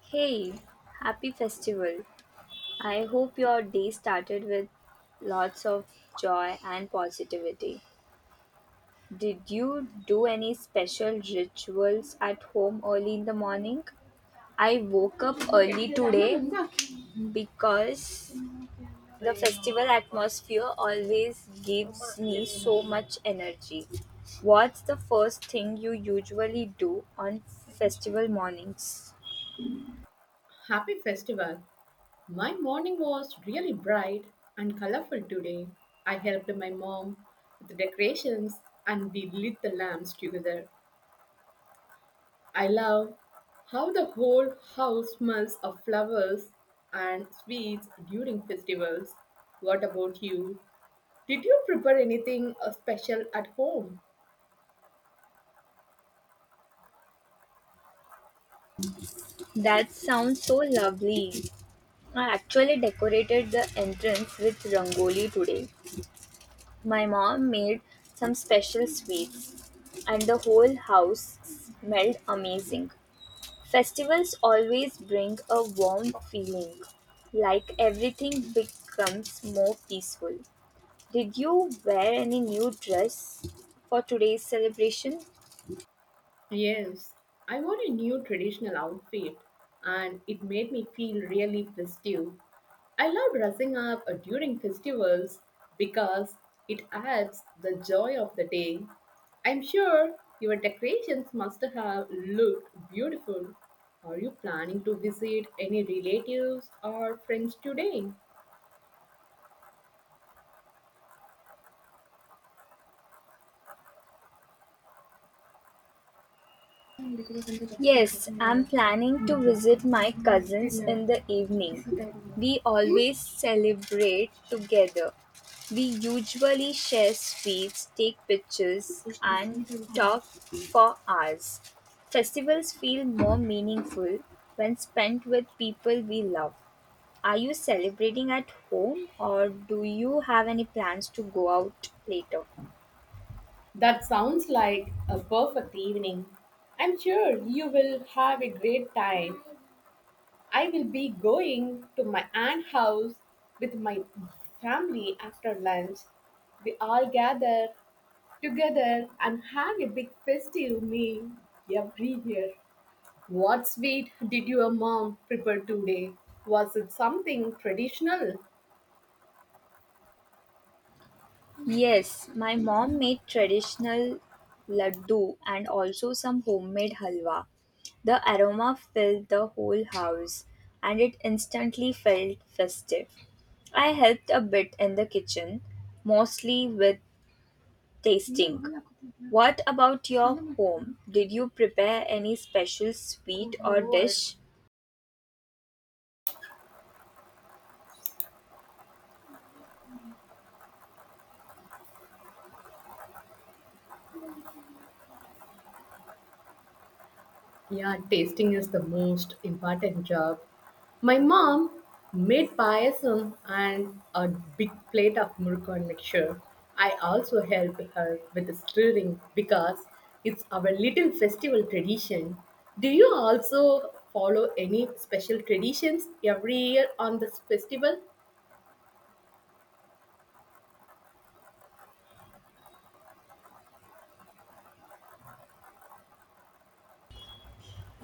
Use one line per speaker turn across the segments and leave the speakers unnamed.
Hey, happy festival. I hope your day started with lots of joy and positivity. Did you do any special rituals at home early in the morning? I woke up early today because the festival atmosphere always gives me so much energy. What's the first thing you usually do on festival mornings?
Happy festival! My morning was really bright and colorful today. I helped my mom with the decorations and we lit the lamps together. I love how the whole house smells of flowers and sweets during festivals. What about you? Did you prepare anything special at home?
That sounds so lovely. I actually decorated the entrance with rangoli today. My mom made some special sweets, and the whole house smelled amazing. Festivals always bring a warm feeling, like everything becomes more peaceful. Did you wear any new dress for today's celebration?
Yes, I wore a new traditional outfit and it made me feel really festive. I love dressing up during festivals because it adds the joy of the day. I'm sure your decorations must have looked beautiful. Are you planning to visit any relatives or friends today?
Yes, I'm planning to visit my cousins in the evening. We always celebrate together. We usually share sweets, take pictures, and talk for hours. Festivals feel more meaningful when spent with people we love. Are you celebrating at home or do you have any plans to go out later?
That sounds like a perfect evening. I'm sure you will have a great time. I will be going to my aunt's house with my family after lunch. We all gather together and have a big festive meal every year. What sweet did your mom prepare today? Was it something traditional?
Yes, my mom made traditional laddu and also some homemade halwa. The aroma filled the whole house and it instantly felt festive. I helped a bit in the kitchen, mostly with tasting. What about your home? Did you prepare any special sweet or dish?
Yeah, tasting is the most important job. My mom made payasam and a big plate of murukan mixture. I also help her with the stirring because it's our little festival tradition. Do you also follow any special traditions every year on this festival?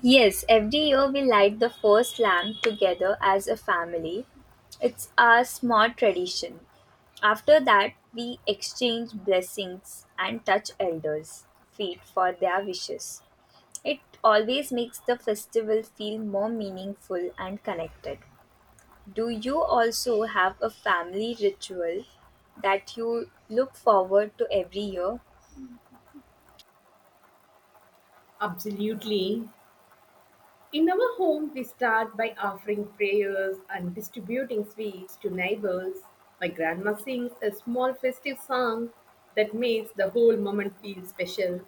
Yes, every year we light the first lamp together as a family. It's our small tradition. After that, we exchange blessings and touch elders' feet for their wishes. It always makes the festival feel more meaningful and connected. Do you also have a family ritual that you look forward to every year?
Absolutely. In our home, we start by offering prayers and distributing sweets to neighbors. My grandma sings a small festive song that makes the whole moment feel special.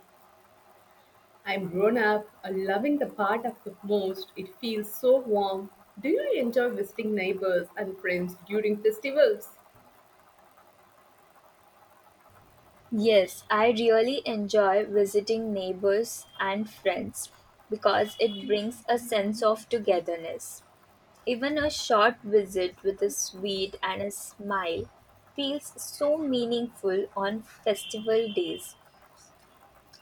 I'm grown up and loving the part of the most. It feels so warm. Do you enjoy visiting neighbors and friends during festivals?
Yes, I really enjoy visiting neighbors and friends because it brings a sense of togetherness. Even a short visit with a sweet and a smile feels so meaningful on festival days.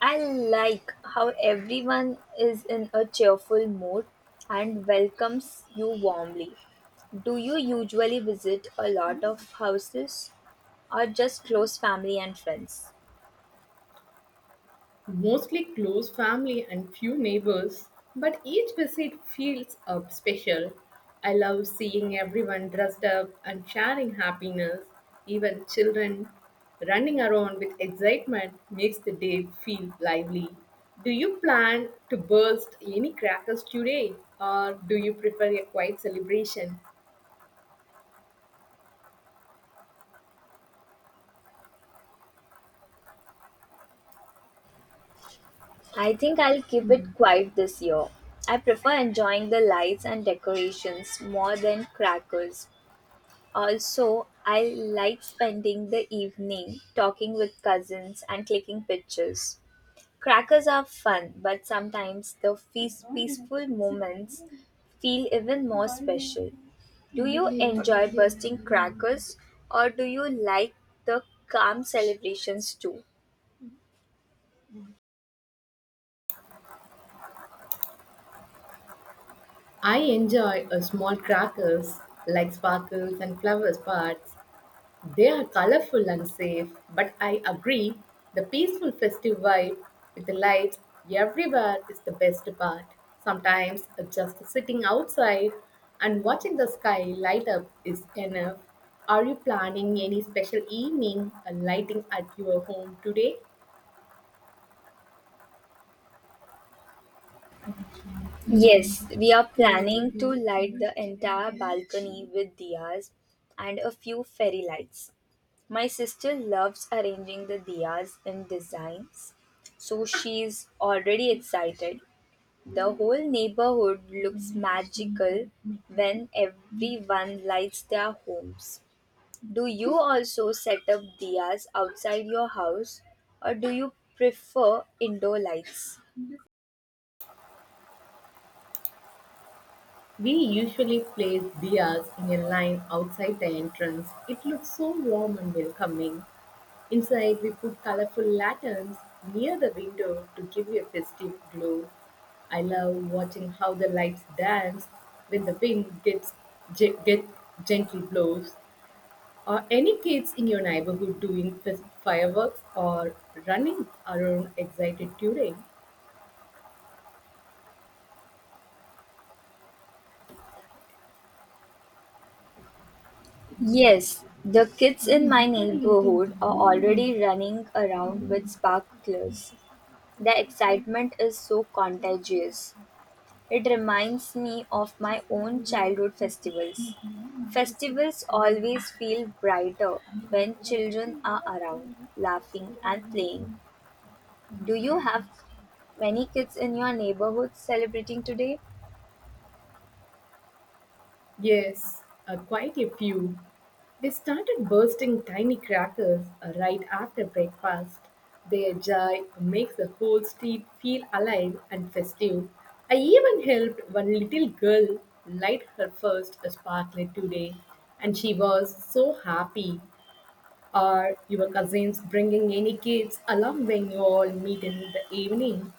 I like how everyone is in a cheerful mood and welcomes you warmly. Do you usually visit a lot of houses or just close family and friends?
Mostly close family and few neighbors, but each visit feels up special. I love seeing everyone dressed up and sharing happiness. Even children running around with excitement makes the day feel lively. Do you plan to burst any crackers today or do you prefer a quiet celebration?
I think I'll keep it quiet this year. I prefer enjoying the lights and decorations more than crackers. Also, I like spending the evening talking with cousins and clicking pictures. Crackers are fun, but sometimes the feast peaceful moments feel even more special. Do you enjoy bursting crackers or do you like the calm celebrations too?
I enjoy a small crackers like sparkles and flowers parts. They are colorful and safe, but I agree the peaceful festive vibe with the lights everywhere is the best part. Sometimes just sitting outside and watching the sky light up is enough. Are you planning any special evening or lighting at your home today?
Yes, we are planning to light the entire balcony with diyas and a few fairy lights. My sister loves arranging the diyas in designs, so she's already excited. The whole neighborhood looks magical when everyone lights their homes. Do you also set up diyas outside your house or do you prefer indoor lights?
We usually place diyas in a line outside the entrance. It looks so warm and welcoming. Inside, we put colorful lanterns near the window to give you a festive glow. I love watching how the lights dance when the wind gets ge- get gently blows. Are any kids in your neighborhood doing fireworks or running around excited during.
Yes, the kids in my neighborhood are already running around with sparklers. The excitement is so contagious. It reminds me of my own childhood festivals. Festivals always feel brighter when children are around, laughing and playing. Do you have many kids in your neighborhood celebrating today?
Yes, quite a few. They started bursting tiny crackers right after breakfast. Their joy makes the whole street feel alive and festive. I even helped one little girl light her first sparkler today, and she was so happy. Are your cousins bringing any kids along when you all meet in the evening?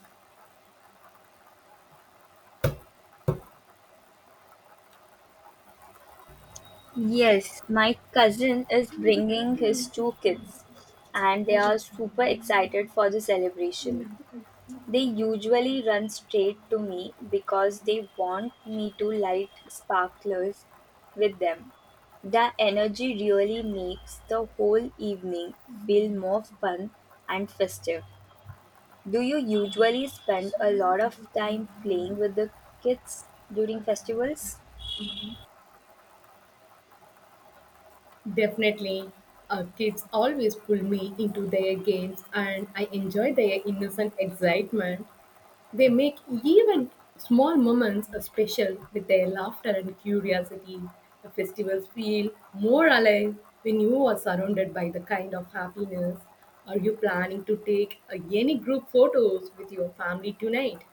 Yes, my cousin is bringing his two kids and they are super excited for the celebration. They usually run straight to me because they want me to light sparklers with them. The energy really makes the whole evening feel more fun and festive. Do you usually spend a lot of time playing with the kids during festivals?
Definitely. Kids always pull me into their games and I enjoy their innocent excitement. They make even small moments special with their laughter and curiosity. The festivals feel more alive when you are surrounded by the kind of happiness. Are you planning to take any group photos with your family tonight?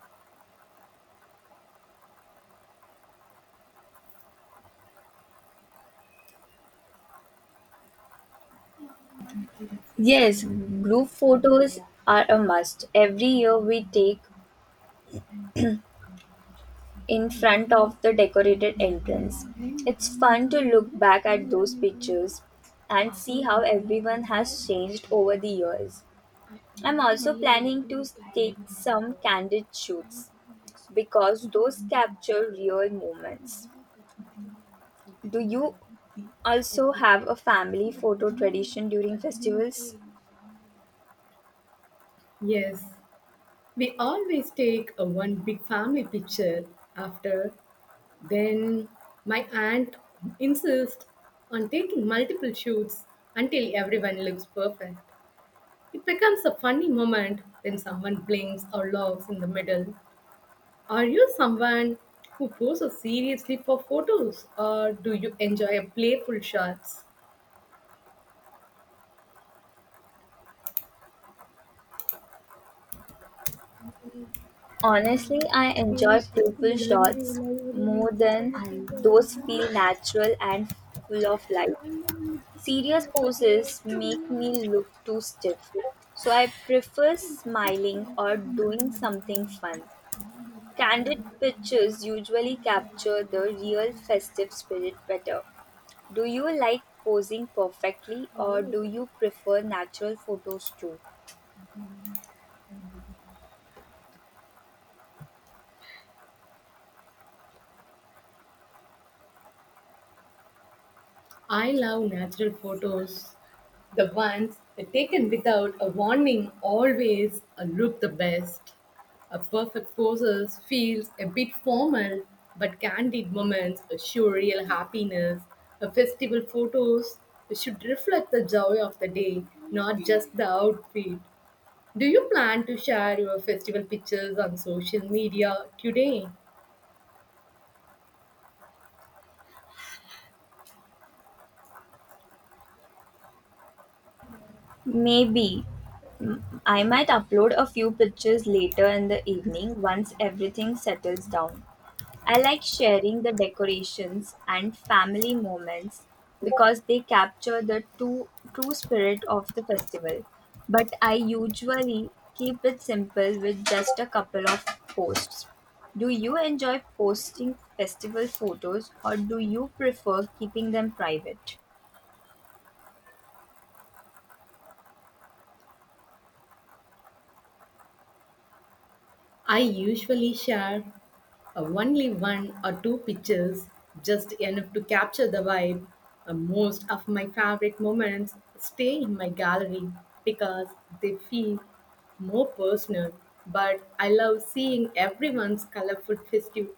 Yes, group photos are a must. Every year we take in front of the decorated entrance. It's fun to look back at those pictures and see how everyone has changed over the years. I'm also planning to take some candid shoots because those capture real moments. Do you also have a family photo tradition during festivals?
Yes, we always take a one big family picture after. Then my aunt insists on taking multiple shoots until everyone looks perfect. It becomes a funny moment when someone blinks or laughs in the middle. Are you someone who poses seriously for photos or do you enjoy playful shots?
Honestly, I enjoy playful shots more than those feel natural and full of life. Serious poses make me look too stiff, so I prefer smiling or doing something fun. Candid pictures usually capture the real festive spirit better. Do you like posing perfectly or do you prefer natural photos too?
I love natural photos. The ones that taken without a warning always look the best. A perfect poses feels a bit formal, but candid moments show real happiness. A festival photos should reflect the joy of the day, not just the outfit. Do you plan to share your festival pictures on social media today?
Maybe. I might upload a few pictures later in the evening once everything settles down. I like sharing the decorations and family moments because they capture the true spirit of the festival. But I usually keep it simple with just a couple of posts. Do you enjoy posting festival photos or do you prefer keeping them private?
I usually share only one or two pictures, just enough to capture the vibe. Most of my favorite moments stay in my gallery because they feel more personal. But I love seeing everyone's colorful festive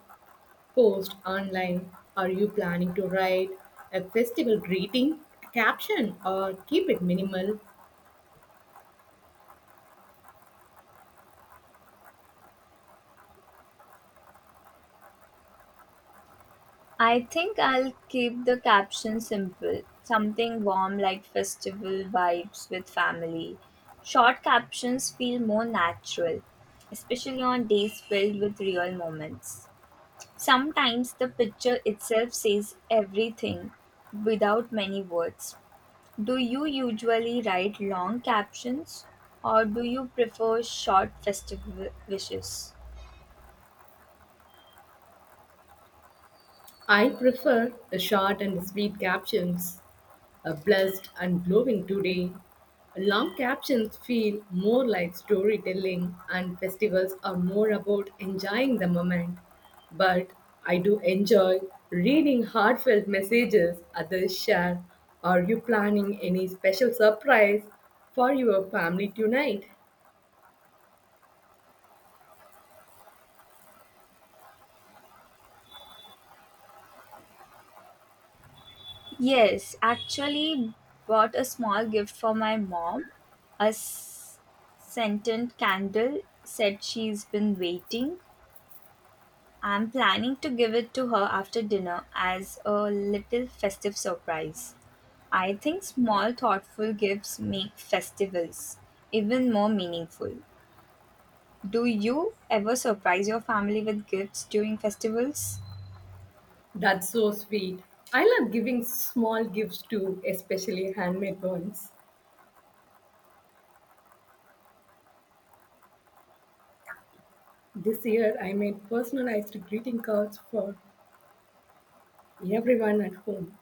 post online. Are you planning to write a festival greeting caption or keep it minimal?
I think I'll keep the caption simple. Something warm like festival vibes with family. Short captions feel more natural, especially on days filled with real moments. Sometimes the picture itself says everything without many words. Do you usually write long captions or do you prefer short festival wishes?
I prefer the short and sweet captions, a blessed and glowing today. Long captions feel more like storytelling, and festivals are more about enjoying the moment. But I do enjoy reading heartfelt messages others share. Are you planning any special surprise for your family tonight?
Yes, actually bought a small gift for my mom. A scented candle said she's been waiting. I'm planning to give it to her after dinner as a little festive surprise. I think small thoughtful gifts make festivals even more meaningful. Do you ever surprise your family with gifts during festivals?
That's so sweet. I love giving small gifts too, especially handmade ones. This year I made personalized greeting cards for everyone at home.